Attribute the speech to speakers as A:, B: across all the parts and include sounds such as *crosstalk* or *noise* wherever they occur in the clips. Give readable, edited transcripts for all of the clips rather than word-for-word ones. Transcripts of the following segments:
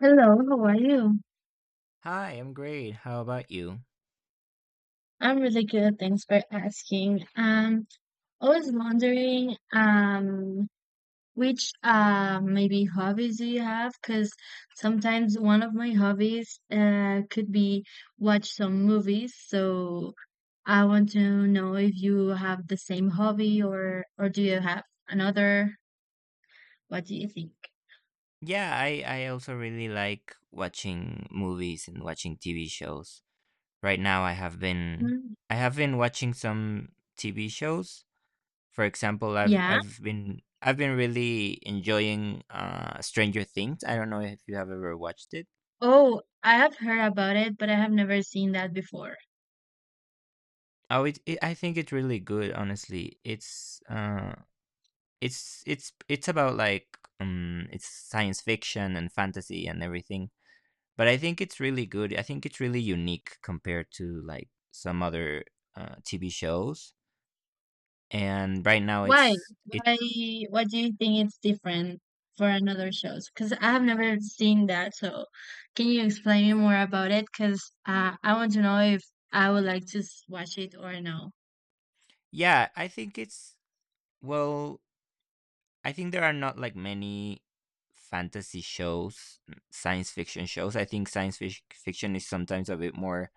A: Hello, how are you?
B: Hi, I'm great. How about you?
A: I'm really good, thanks for asking. I was wondering, which maybe hobbies do you have? Because sometimes one of my hobbies could be watch some movies. So I want to know if you have the same hobby or do you have another? What do you think?
B: Yeah, I also really like watching movies and watching TV shows. Right now
A: Mm,
B: I have been watching some TV shows. For example, I've
A: yeah.
B: I've been I've been really enjoying Stranger Things. I don't know if you have ever watched it.
A: Oh, I have heard about it, but I have never seen that before.
B: Oh, it I think it's really good, honestly. It's about like, it's science fiction and fantasy and everything. But I think it's really good. I think it's really unique compared to like some other TV shows. And right now,
A: Why?
B: it's it.
A: Why? What do you think it's different for another shows? Because I have never seen that. So, can you explain me more about it? Because I want to know if I would like to watch it or no.
B: Yeah, I think it's well. I think there are not like many fantasy shows, science fiction shows. I think fiction is sometimes a bit more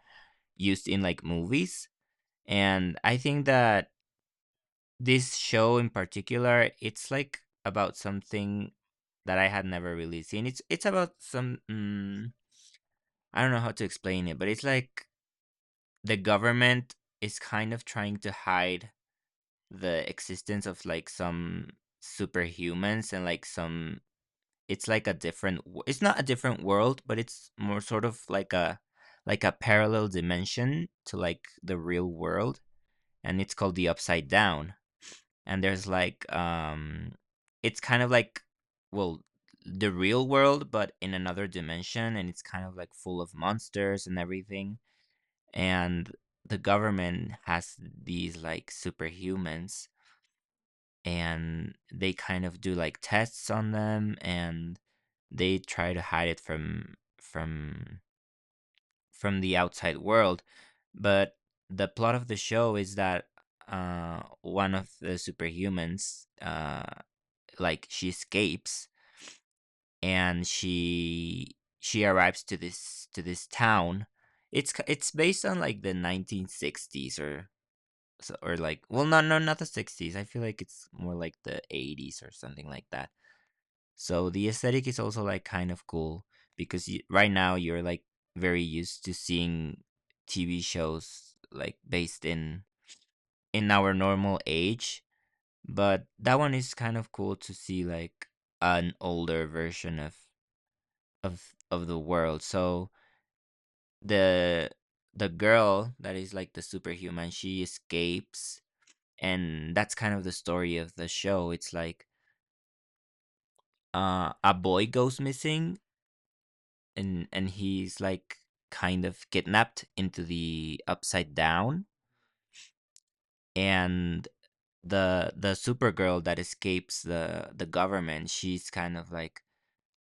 B: used in like movies. And I think that this show in particular, it's like about something that I had never really seen. It's about some. I don't know how to explain it, but it's like the government is kind of trying to hide the existence of like some superhumans, and like some, it's like a it's not a different world, but it's more sort of like a parallel dimension to like the real world, and it's called the upside down. And there's like it's kind of like, well, the real world but in another dimension, and it's kind of like full of monsters and everything. And the government has these like superhumans, and they kind of do like tests on them, and they try to hide it from the outside world. But the plot of the show is that one of the superhumans, like she escapes, and she arrives to this town. It's based on like the 1960s or. So, or like, well, no, no, not the 60s. I feel like it's more like the 80s or something like that. So the aesthetic is also like kind of cool, because right now you're like very used to seeing TV shows like based in our normal age, but that one is kind of cool to see like an older version of the world. So the girl that is like the superhuman, she escapes, and that's kind of the story of the show. It's like a boy goes missing, and he's like kind of kidnapped into the upside down. And the supergirl that escapes the government, she's kind of like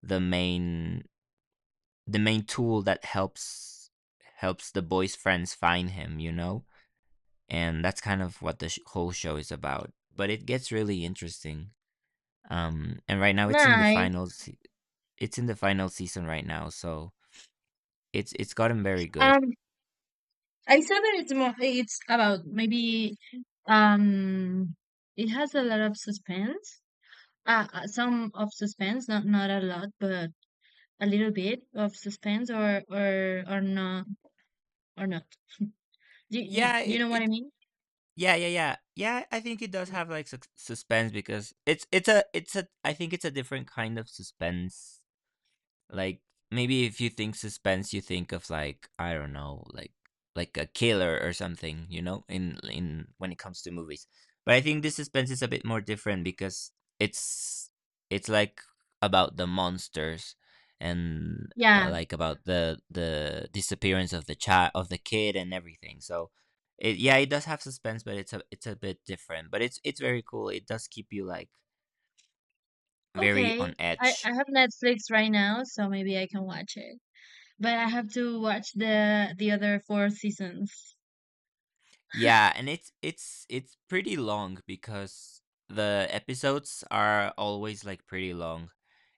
B: the main tool that helps the boy's friends find him, you know. And that's kind of what the whole show is about, but it gets really interesting. And Right now it's in the
A: Nice.
B: final It's in the final season right now, so it's gotten very good.
A: Um, I saw that it's more. It's about maybe. Um, it has a lot of suspense. Some of suspense, not a lot, but a little bit of suspense, or not or not.
B: Yeah,
A: You
B: it
A: know what I
B: it
A: mean?
B: yeah yeah yeah yeah. I think it does have like suspense, because it's a I think it's a different kind of suspense. Like, maybe if you think suspense, you think of like, I don't know, like a killer or something, you know, in when it comes to movies. But I think this suspense is a bit more different, because it's it's like about the monsters, and
A: Yeah.
B: like about the disappearance of the child of the kid and everything. So it, yeah, it does have suspense, but it's a bit different. But it's very cool. It does keep you like very
A: Okay,
B: on
A: I,
B: edge.
A: I have Netflix right now, so maybe I can watch it. But I have to watch the other four seasons.
B: Yeah, and it's it's pretty long, because the episodes are always like pretty long.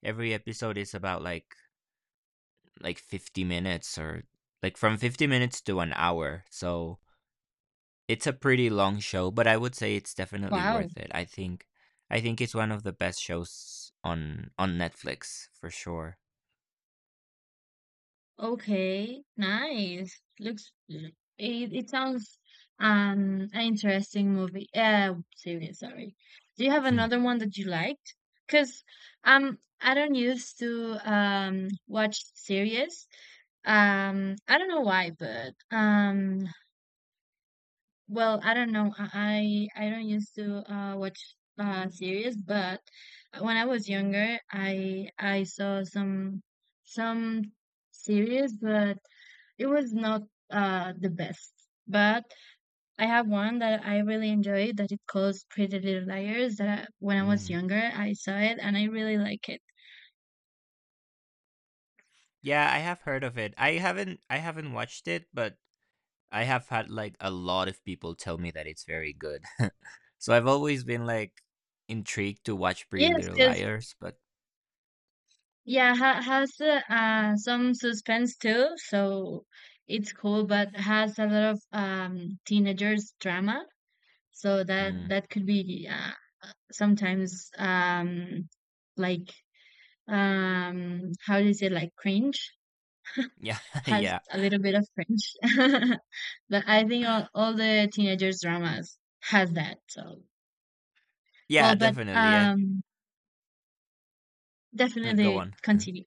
B: Every episode is about like 50 minutes, or like from 50 minutes to an hour. So it's a pretty long show, but I would say it's definitely
A: Wow.
B: worth it. I think it's one of the best shows on Netflix for sure.
A: Okay, nice. Looks it sounds an interesting movie. Series, sorry. Do you have
B: Hmm.
A: another one that you liked? Because I don't used to watch series. I don't know why, but well, I don't know. I don't used to watch series, but when I was younger, I saw some some series, but it was not the best. But I have one that I really enjoy that it calls Pretty Little Liars. That I, when I was
B: Mm.
A: younger, I saw it and I really like it.
B: Yeah, I have heard of it. I haven't watched it, but I have had like a lot of people tell me that it's very good. *laughs* So I've always been like intrigued to watch Pretty
A: Yes,
B: Little
A: because.
B: Liars, but
A: Yeah, ha has some suspense too, so it's cool, but has a lot of teenagers drama, so that
B: mm,
A: that could be sometimes like how do you say like cringe,
B: yeah, *laughs*
A: has
B: yeah,
A: a little bit of cringe, *laughs* but I think all the teenagers dramas has that. So well,
B: yeah,
A: but
B: definitely. I mm, go
A: definitely
B: on. *laughs*
A: continue.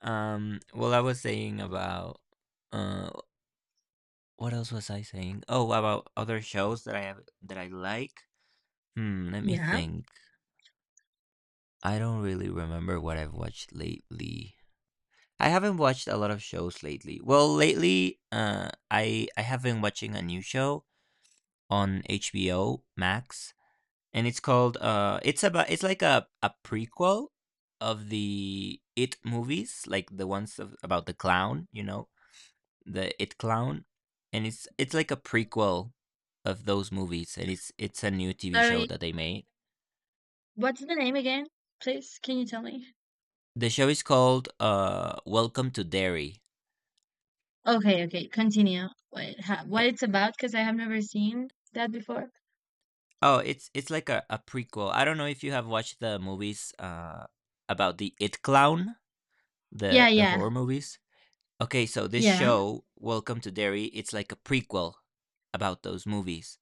B: I was saying about uh, what else was I saying? Oh, about other shows that I have that I like. Hmm, let me
A: Yeah,
B: think. I don't really remember what I've watched lately. I haven't watched a lot of shows lately. Well, lately, I have been watching a new show on HBO Max, and it's called it's like a prequel of the It movies, like the ones of, about the clown, you know, the It clown. And it's like a prequel of those movies, and it's a new TV show
A: sorry.
B: that they made.
A: What's the name again? Please, can you tell me?
B: The show is called Welcome to Derry.
A: Okay, okay, continue. What, what it's about? Because I have never seen that before.
B: Oh, it's like a prequel. I don't know if you have watched the movies about the It Clown,
A: Yeah,
B: the
A: yeah,
B: horror movies. Okay, so this
A: yeah.
B: show, Welcome to Derry, it's like a prequel about those movies.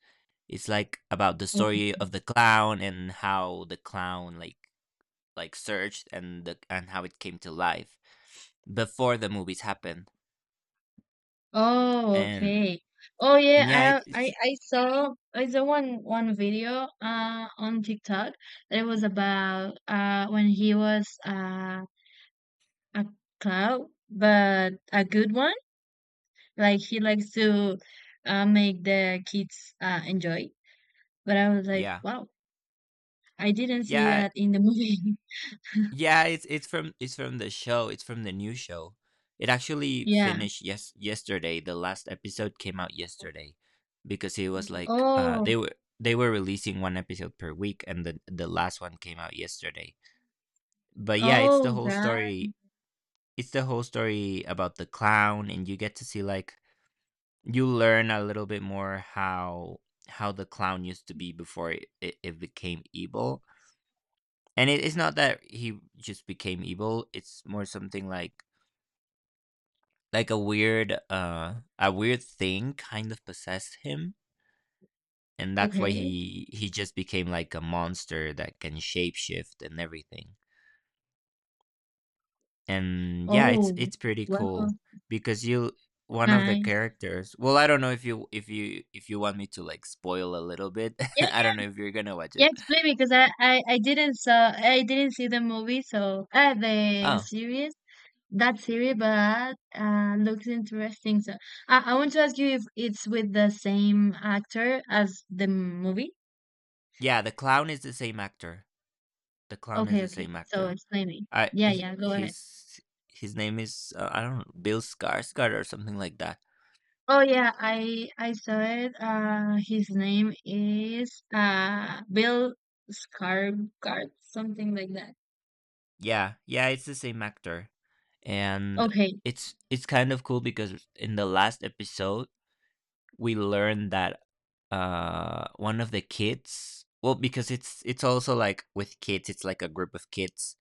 B: It's like about the
A: Okay.
B: story of the clown, and how the clown like searched and the and how it came to life before the movies happened.
A: Oh,
B: And
A: okay. Oh, yeah.
B: and yeah, it,
A: I I
B: it's
A: I saw I saw one video on TikTok that it was about when he was a clown, but a good one. Like he likes to make the kids enjoy. But I was like,
B: yeah.
A: wow, I didn't see
B: Yeah,
A: that in the movie. *laughs*
B: Yeah, it's it's from the show. It's from the new show. It actually
A: Yeah.
B: finished yesterday. The last episode came out yesterday, because it was like
A: Oh.
B: they were releasing one episode per week, and the last one came out yesterday. But yeah, it's the
A: Oh,
B: whole
A: God.
B: story. It's the whole story about the clown, and you get to see like you learn a little bit more how the clown used to be before it became evil. And it's not that he just became evil, it's more something like a weird, a weird thing kind of possessed him, and that's why
A: Okay.
B: he just became like a monster that can shapeshift and everything. And yeah,
A: Oh,
B: it's pretty
A: wow.
B: cool, because you one of the
A: Nice.
B: characters. Well, I don't know if you want me to like spoil a little bit. *laughs*
A: Yeah,
B: I don't know if you're gonna watch
A: yeah,
B: it.
A: explain because I didn't see the movie so the
B: Oh,
A: series, that series, but looks interesting, so I want to ask you if it's with the same actor as the movie.
B: yeah, the clown is the same actor. The clown is
A: Okay,
B: the
A: okay,
B: same
A: so
B: actor.
A: explain me,
B: I
A: yeah
B: is
A: yeah, go ahead.
B: His name is I don't know, Bill Skarsgård or something like that.
A: Oh yeah, I saw it. His name is Bill Skarsgård, something like that.
B: Yeah, yeah, it's the same actor. And
A: Okay.
B: it's kind of cool, because in the last episode we learned that one of the kids, well, because it's also like with kids, it's like a group of kids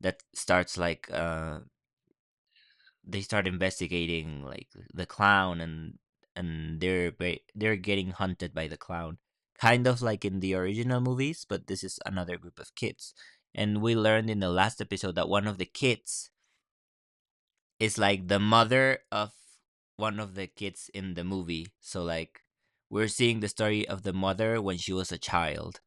B: that starts like they start investigating like the clown, and they're getting hunted by the clown, kind of like in the original movies, but this is another group of kids. And we learned in the last episode that one of the kids is like the mother of one of the kids in the movie. So like we're seeing the story of the mother when she was a child.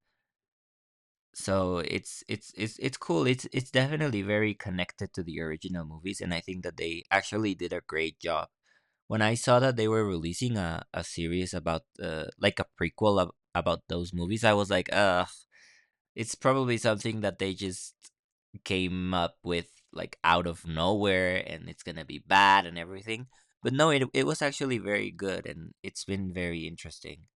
B: So it's it's cool. It's definitely very connected to the original movies, and I think that they actually did a great job. When I saw that they were releasing a series about like a prequel about those movies, I was like, ugh, it's probably something that they just came up with like out of nowhere, and it's gonna be bad and everything. But no, it was actually very good, and it's been very interesting.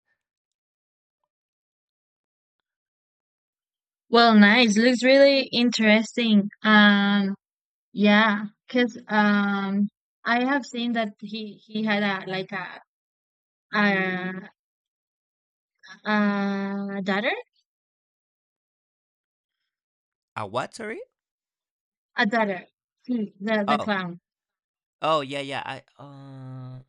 A: Well, nice. Looks really interesting. Yeah. Cause I have seen that he had a like a, a daughter,
B: A what? Sorry.
A: a daughter. Hmm, the
B: Oh,
A: clown.
B: oh yeah, yeah.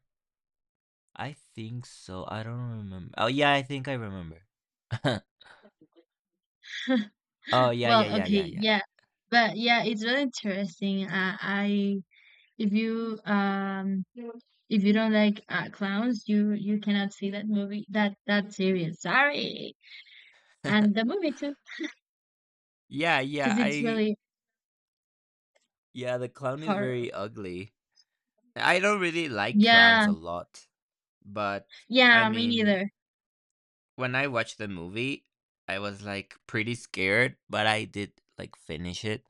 B: I think so. I don't remember. Oh yeah, I think I remember.
A: *laughs*
B: *laughs* Oh yeah, yeah,
A: Well,
B: yeah,
A: okay,
B: yeah, yeah.
A: yeah, but yeah, it's really interesting. I, if you um if you don't like clowns, you cannot see that movie, that that series. Sorry, and the
B: *laughs*
A: movie too,
B: Yeah, yeah,
A: because it's
B: I
A: really
B: yeah, the clown is
A: hard.
B: very ugly. I don't really like clowns
A: Yeah,
B: a lot, but I
A: yeah, me
B: mean,
A: neither.
B: when I watched the movie, I was like pretty scared, but I did like finish it.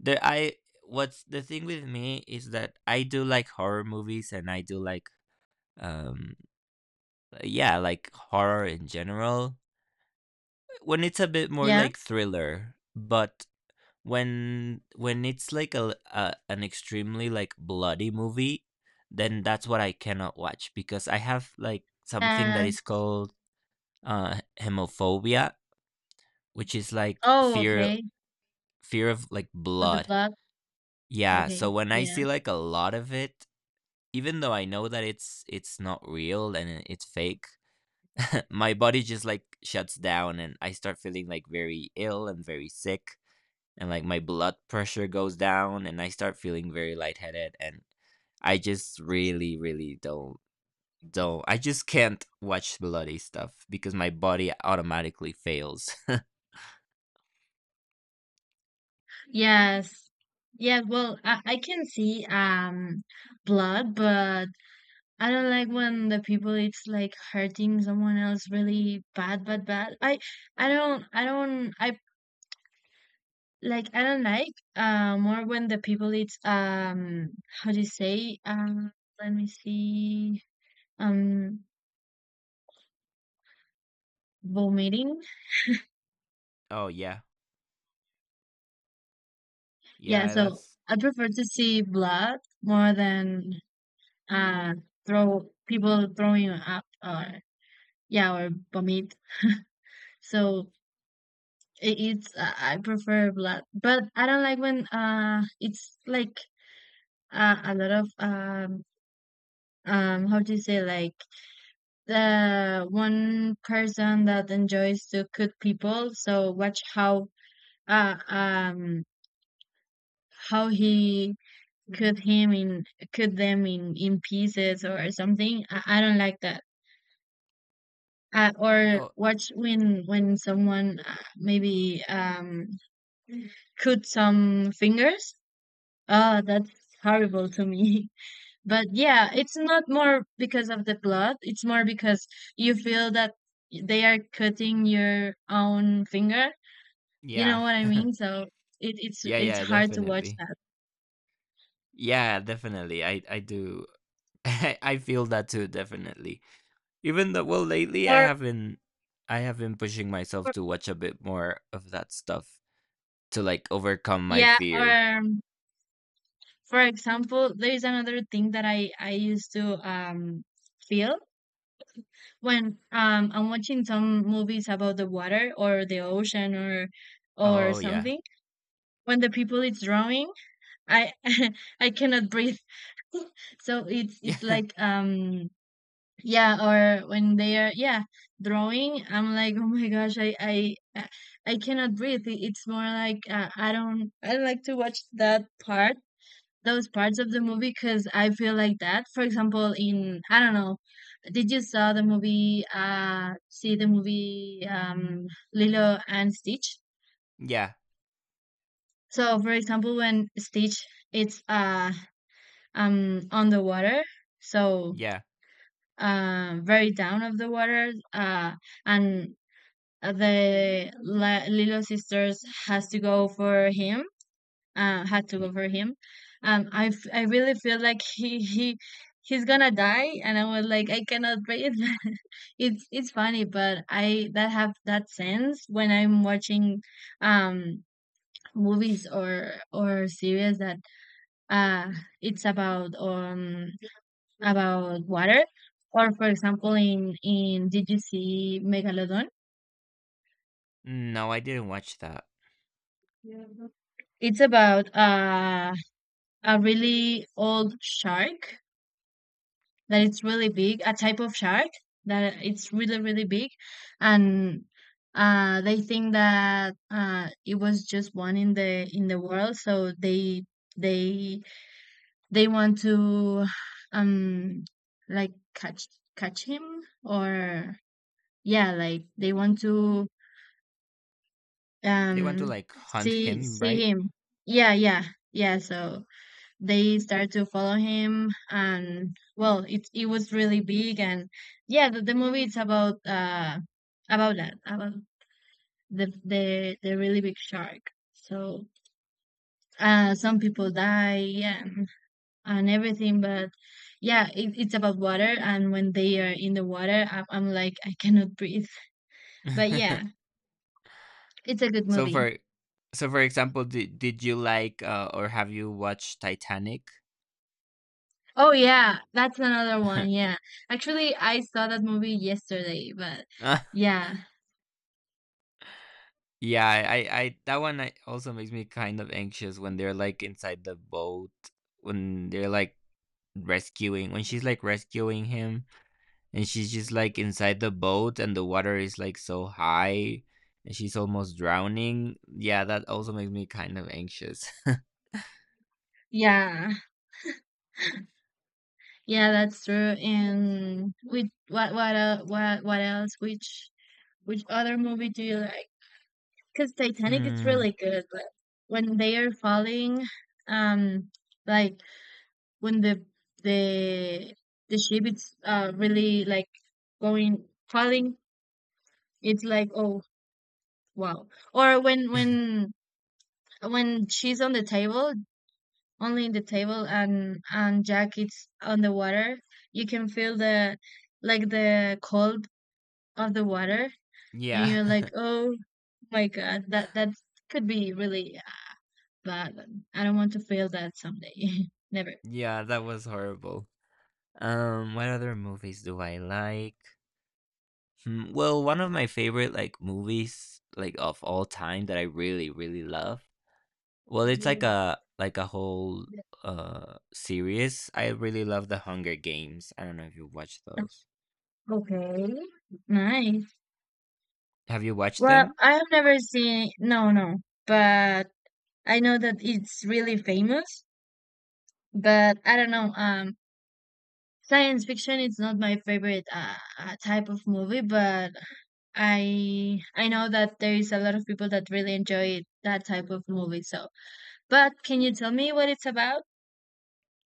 B: There I What's the thing with me is that I do like horror movies, and I do like um yeah, like horror in general when it's a bit more
A: Yeah,
B: like thriller. But when it's like a an extremely like bloody movie, then that's what I cannot watch, because I have like something that
A: yes.
B: is called hemophobia, which is like
A: Oh, okay.
B: fear of like
A: Of the
B: blood.
A: blood.
B: Yeah,
A: Okay.
B: so when I
A: Yeah.
B: see like a lot of it, even though I know that it's not real, and it's fake, *laughs* my body just like shuts down, and I start feeling like very ill and very sick, and like my blood pressure goes down, and I start feeling very lightheaded. And I just really really don't I just can't watch bloody stuff, because my body automatically fails. *laughs*
A: Yes. Yeah, well, I can see blood, but I don't like when the people it's like hurting someone else really bad, bad, bad. I like, I don't like more when the people it's how do you say? Let me see, um vomiting.
B: Oh yeah.
A: Yeah,
B: Yeah,
A: so
B: that's
A: I prefer to see blood more than uh throw, people throwing up, or yeah, or vomit. So it, it's I prefer blood, but I don't like when it's like a lot of how do you say, like the one person that enjoys to cut people. So watch uh um how he cut him in, cut them in pieces or something. I don't like that, or
B: Oh
A: watch when someone maybe cut some fingers. Oh, that's horrible to me. *laughs* But yeah, it's not more because of the blood, it's more because you feel that they are cutting your own finger, you know
B: yeah.
A: what I
B: *laughs*
A: mean, so it,
B: yeah,
A: it's
B: yeah,
A: hard to watch
B: definitely.
A: that.
B: Yeah, definitely. I do *laughs* I feel that too, definitely. Even though, well, lately
A: or,
B: I have been pushing myself
A: or
B: to watch a bit more of that stuff to like overcome my
A: yeah, or
B: fear.
A: um, for example, there is another thing that I used to feel when I'm watching some movies about the water or the ocean or
B: Oh yeah,
A: something. When the people is drawing, I *laughs* I cannot breathe. *laughs* So
B: *laughs*
A: it's
B: yeah,
A: like yeah, or when they are, yeah, drawing, I'm like, oh my gosh, i I cannot breathe. It's more like I don't, I don't like to watch that part, those parts of the movie, because I feel like that. For example, in, I don't know, did you saw the movie? See the movie, Lilo and Stitch.
B: yeah,
A: So, for example, when Stitch it's on the water, so
B: yeah.
A: very down of the water, and the Lilo sisters has to go for him, had to
B: Y-
A: go for him. I really feel like he he's gonna die, and I was like, I cannot breathe. *laughs* It's funny, but I that have that sense when I'm watching um movies or series that uh it's about water, or for example, in did you see Megalodon?
B: No, I didn't watch that.
A: It's about a really old shark that it's really big, a type of shark that it's really really big, and they think that it was just one in the world, so they they want to um like catch him, or yeah, like they want to
B: They want
A: um
B: to like hunt
A: see,
B: him, right?
A: see him. Yeah, yeah, yeah. So they started to follow him, and well, it was really big, and yeah, the movie is about that, about the really big shark, so some people die, yeah, and everything. But yeah, it, it's about water, and when they are in the water, I'm like I cannot breathe. But yeah,
B: *laughs*
A: it's a good
B: so
A: movie.
B: for, so for example, did you like or have you watched Titanic?
A: Oh yeah, that's another one. Yeah,
B: *laughs*
A: actually I saw that movie yesterday, but yeah,
B: Yeah, that one I also makes me kind of anxious when they're like inside the boat, when they're like rescuing, when she's like rescuing him, and she's just like inside the boat, and the water is like so high, and she's almost drowning. Yeah, that also makes me kind of anxious.
A: yeah. Yeah, that's true. And which, what el what else? Which other movie do you like? Because
B: *laughs*
A: Titanic is really
B: Hmm.
A: good. Like when they are falling, um, like, when the the ship is really like going, falling, it's like oh wow. Or when she's on the table, only in the table, and Jack is on the water, you can feel the, like the cold of the water, and
B: Yeah,
A: you're like,
B: *laughs*
A: "Oh my God, that, that could be really bad. I don't want to feel that someday." *laughs* Never.
B: yeah, that was horrible. What other movies do I like? Hmm, well, one of my favorite, like, movies, like, of all time that I really, really love, well, it's like a whole, series. I really love The Hunger Games. I don't know if you watched those.
A: Okay. Nice.
B: Have you watched
A: Well,
B: them?
A: I have never seen, no, no, but I know that it's really famous, but I don't know. Science fiction is not my favorite type of movie, but I know that there is a lot of people that really enjoy that type of movie, so but can you tell me what it's about?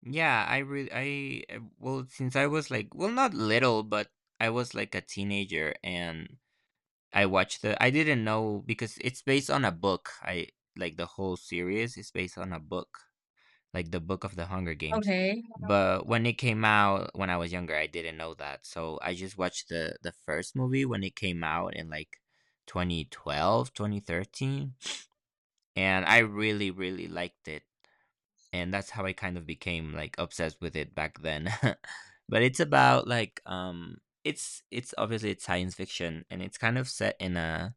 B: Yeah, I really, I well, since I was, like, well, not little, but I was, like, a teenager, and I watched the I didn't know because it's based on a book. I Like, the whole series is based on a book, like the book of the Hunger Games.
A: Okay.
B: But when it came out when I was younger, I didn't know that. So I just watched the first movie when it came out in like 2012, 2013, and I really really liked it. And that's how I kind of became like obsessed with it back then. *laughs* But it's about like it's obviously it's science fiction and it's kind of set in a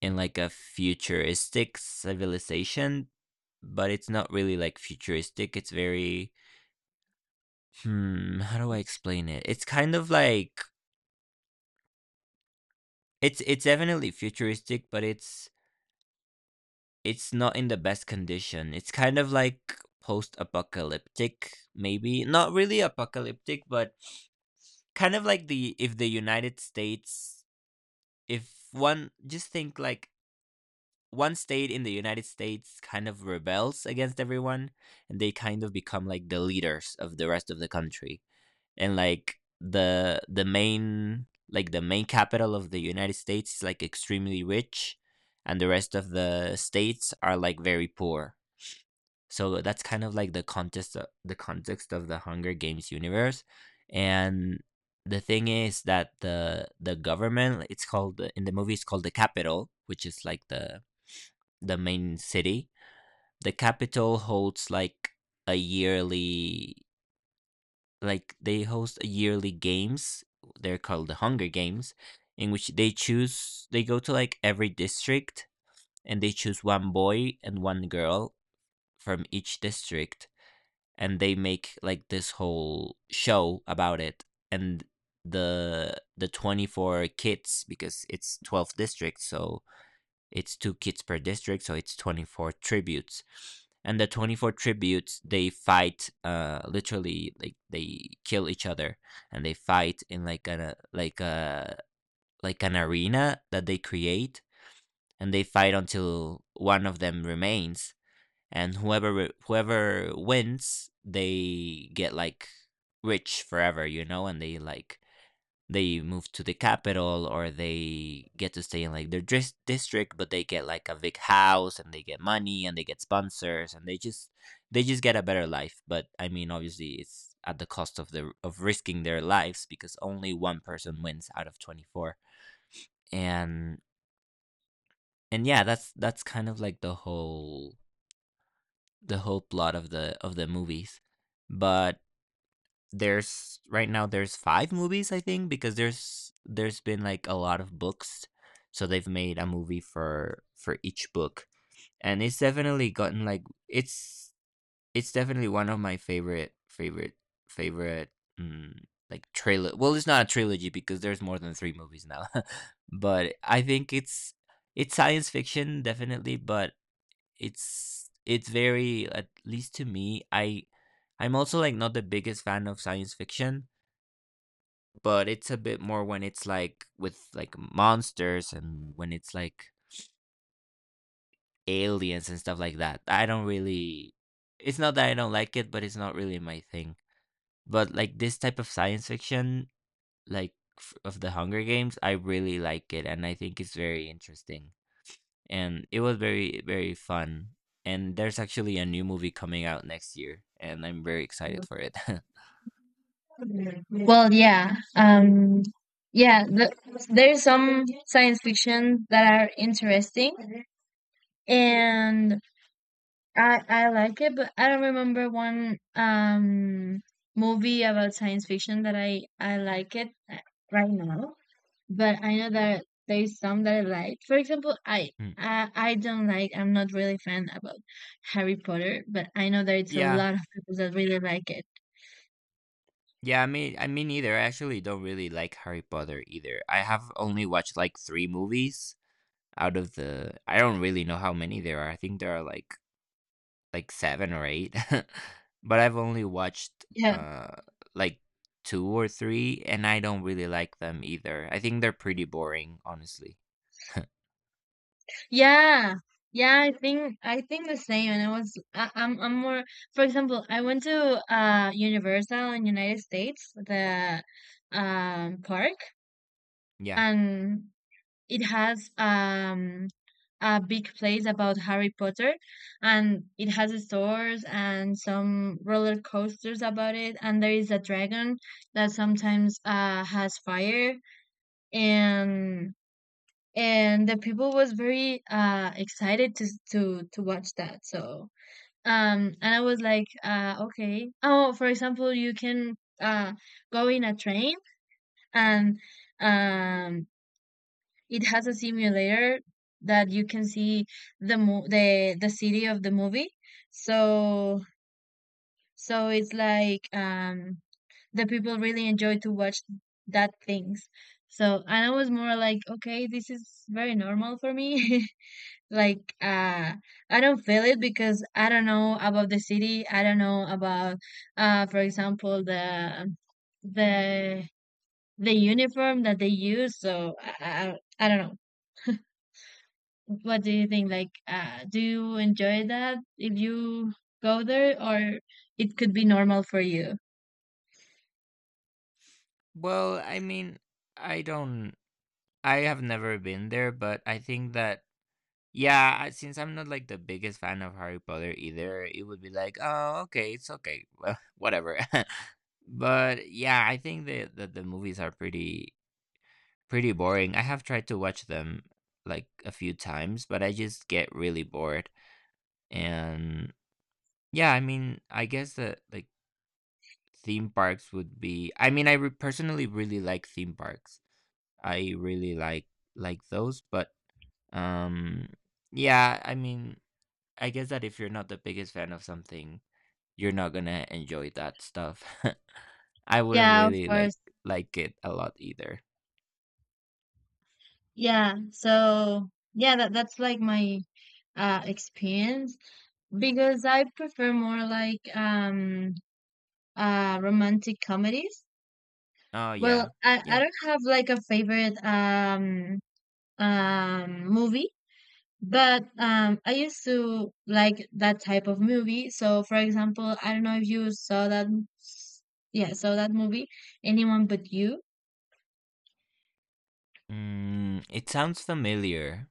B: in like a futuristic civilization, but it's not really like futuristic. It's very Hmm, how do I explain it? It's kind of like it's definitely futuristic, but it's not in the best condition. It's kind of like post-apocalyptic, maybe. Not really apocalyptic, but kind of like the if the United States, if one just think like one state in the United States kind of rebels against everyone and they kind of become like the leaders of the rest of the country. And like the main, capital of the United States is like extremely rich, and the rest of the states are like very poor. So that's kind of like the context of the Hunger Games universe. And the thing is that the government, it's called in the movie, it's called the capital, which is like the main city. The capital holds like a yearly, like they host a yearly games, they're called the Hunger Games, in which they go to like every district and they choose one boy and one girl from each district, and they make like this whole show about it. And the 24 kids, because it's 12 districts, so it's two kids per district, so it's 24 tributes. And the 24 tributes, they fight literally like they kill each other, and they fight in like a like an arena that they create, and they fight until one of them remains. And whoever wins, they get like rich forever, and they move to the capital or they get to stay in like district, but they get like a big house and they get money and they get sponsors, and they just get a better life. But I mean, obviously it's at the cost of risking their lives because only one person wins out of 24. And and yeah, that's kind of like the whole plot of the movies. But there's right now, there's five movies, I think, because there's been like a lot of books, so they've made a movie for each book, and it's definitely gotten like it's definitely one of my favorite favorite favorite, mm, like trailer. Well, it's not a trilogy because there's more than three movies now, *laughs* but I think it's science fiction definitely, but it's very, at least to me, I'm also like not the biggest fan of science fiction, but it's a bit more when it's like with like monsters and when it's like aliens and stuff like that. I don't really It's not that I don't like it, but it's not really my thing. But like this type of science fiction, like of the Hunger Games, I really like it, and I think it's very interesting. And it was very very fun. And there's actually a new movie coming out next year, and I'm very excited for it. *laughs*
A: Well, yeah. Yeah, the, there's some science fiction that are interesting, and I like it, but I don't remember one movie about science fiction that I like it right now. But I know that there's some that I like. For example, I.
B: Mm.
A: I don't like, I'm not really fan about Harry Potter, but I know there it's a
B: Yeah,
A: lot of people that really like it.
B: yeah, I mean, neither. I actually don't really like Harry Potter either. I have only watched like three movies out of the. I don't really know how many there are. I think there are like seven or eight, *laughs* but I've only watched
A: Yeah,
B: like two or three, and I don't really like them either. I think they're pretty boring, honestly. *laughs*
A: yeah. Yeah, I think the same. And I was I'm more, for example, I went to Universal in United States, the park,
B: Yeah.
A: and it has a big place about Harry Potter, and it has stores and some roller coasters about it, and there is a dragon that sometimes has fire, and and the people was very excited to to watch that, so and I was like okay. Oh, for example, you can uh go in a train, and um it has a simulator that you can see the city of the movie, so, so it's like, the people really enjoy to watch that things. So, and I was more like, okay, this is very normal for me. *laughs* Like I don't feel it because I don't know about the city, I don't know about for example the the uniform that they use, so i I don't know, what do you think, like do you enjoy that if you go there, or it could be normal for you.
B: Well, I mean, I don't. I have never been there, but I think that, yeah, since I'm not like the biggest fan of Harry Potter either, it would be like, oh, okay, it's okay, well, *laughs* whatever. *laughs* But yeah, I think that the movies are pretty pretty boring. I have tried to watch them like a few times, but I just get really bored. And yeah, I mean, I guess that like theme parks would be. I mean, personally really like theme parks. I really like those, but um, yeah, I mean. I guess that if you're not the biggest fan of something, you're not gonna enjoy that stuff. *laughs* I wouldn't
A: Yeah, of
B: really
A: course.
B: like it a lot either.
A: Yeah, so yeah, that, that's like my experience, because I prefer more like romantic comedies.
B: Oh
A: Well,
B: yeah,
A: I
B: yeah.
A: don't have like a favorite movie, but I used to like that type of movie. So for example, I don't know if you saw that, yeah, saw that movie, Anyone But You.
B: Mm, it sounds familiar.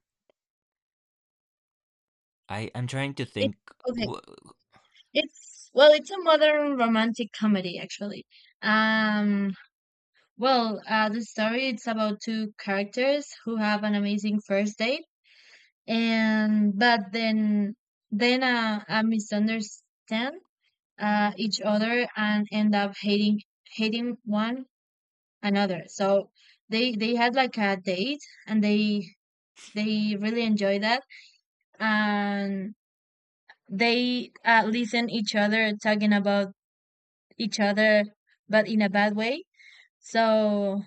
B: I'm trying to
A: It,
B: think.
A: okay.
B: Wh-
A: It's, well, it's a modern romantic comedy actually. Um well, the story it's about two characters who have an amazing first date, and but then misunderstand each other and end up hating one another. So they had like a date, and they really enjoy that, and they listen each other talking about each other, but in a bad way. So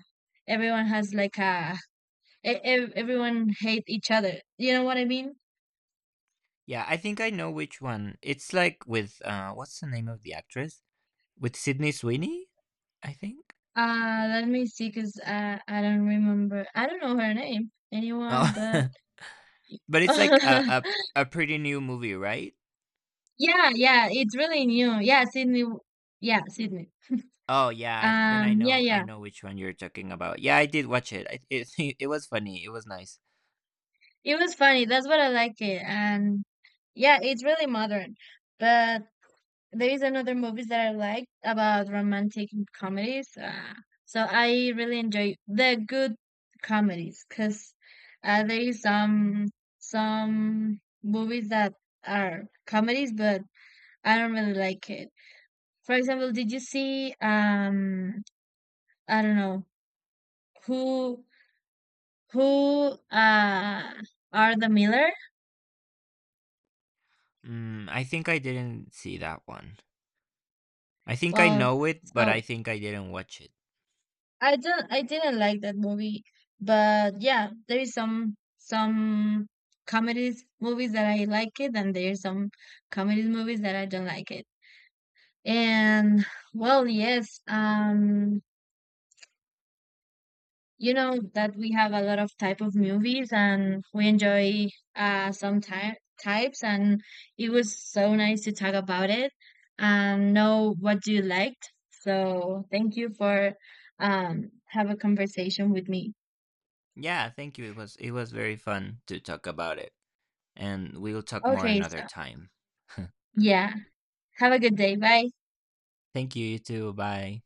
A: everyone has like a, everyone hate each other, you know what I mean.
B: Yeah, I think I know which one. It's like with what's the name of the actress? With Sydney Sweeney, I think.
A: Let me see, cause I don't remember. I don't know her name. Anyone
B: Oh,
A: but
B: *laughs* but it's like
A: *laughs*
B: a pretty new movie, right?
A: yeah, yeah. It's really new. Yeah, Sydney. Yeah, Sydney.
B: Oh yeah, then
A: Yeah,
B: I
A: yeah.
B: know which one you're talking about. Yeah, I did watch it. It *laughs* it was funny. It was nice.
A: It was funny. That's what I like it. And yeah, it's really modern. But there is another movies that I like about romantic comedies. So I really enjoy the good comedies, because there is some movies that are comedies, but I don't really like it. For example, did you see I don't know who who uh are the Miller?
B: Mm, I think I didn't see that one. I think I
A: Well,
B: know it, but
A: so
B: I think I didn't watch it.
A: I don't, I didn't like that movie, but yeah, there is some comedies movies that I like it, and there is some comedies movies that I don't like it. And well, yes, you know that we have a lot of type of movies, and we enjoy some ty types, and it was so nice to talk about it and know what you liked. So, thank you for have a conversation with me.
B: Yeah, thank you. It was very fun to talk about it, and we'll talk more
A: Okay,
B: another time. *laughs*
A: yeah. Have a good day. Bye.
B: Thank you. You too. Bye.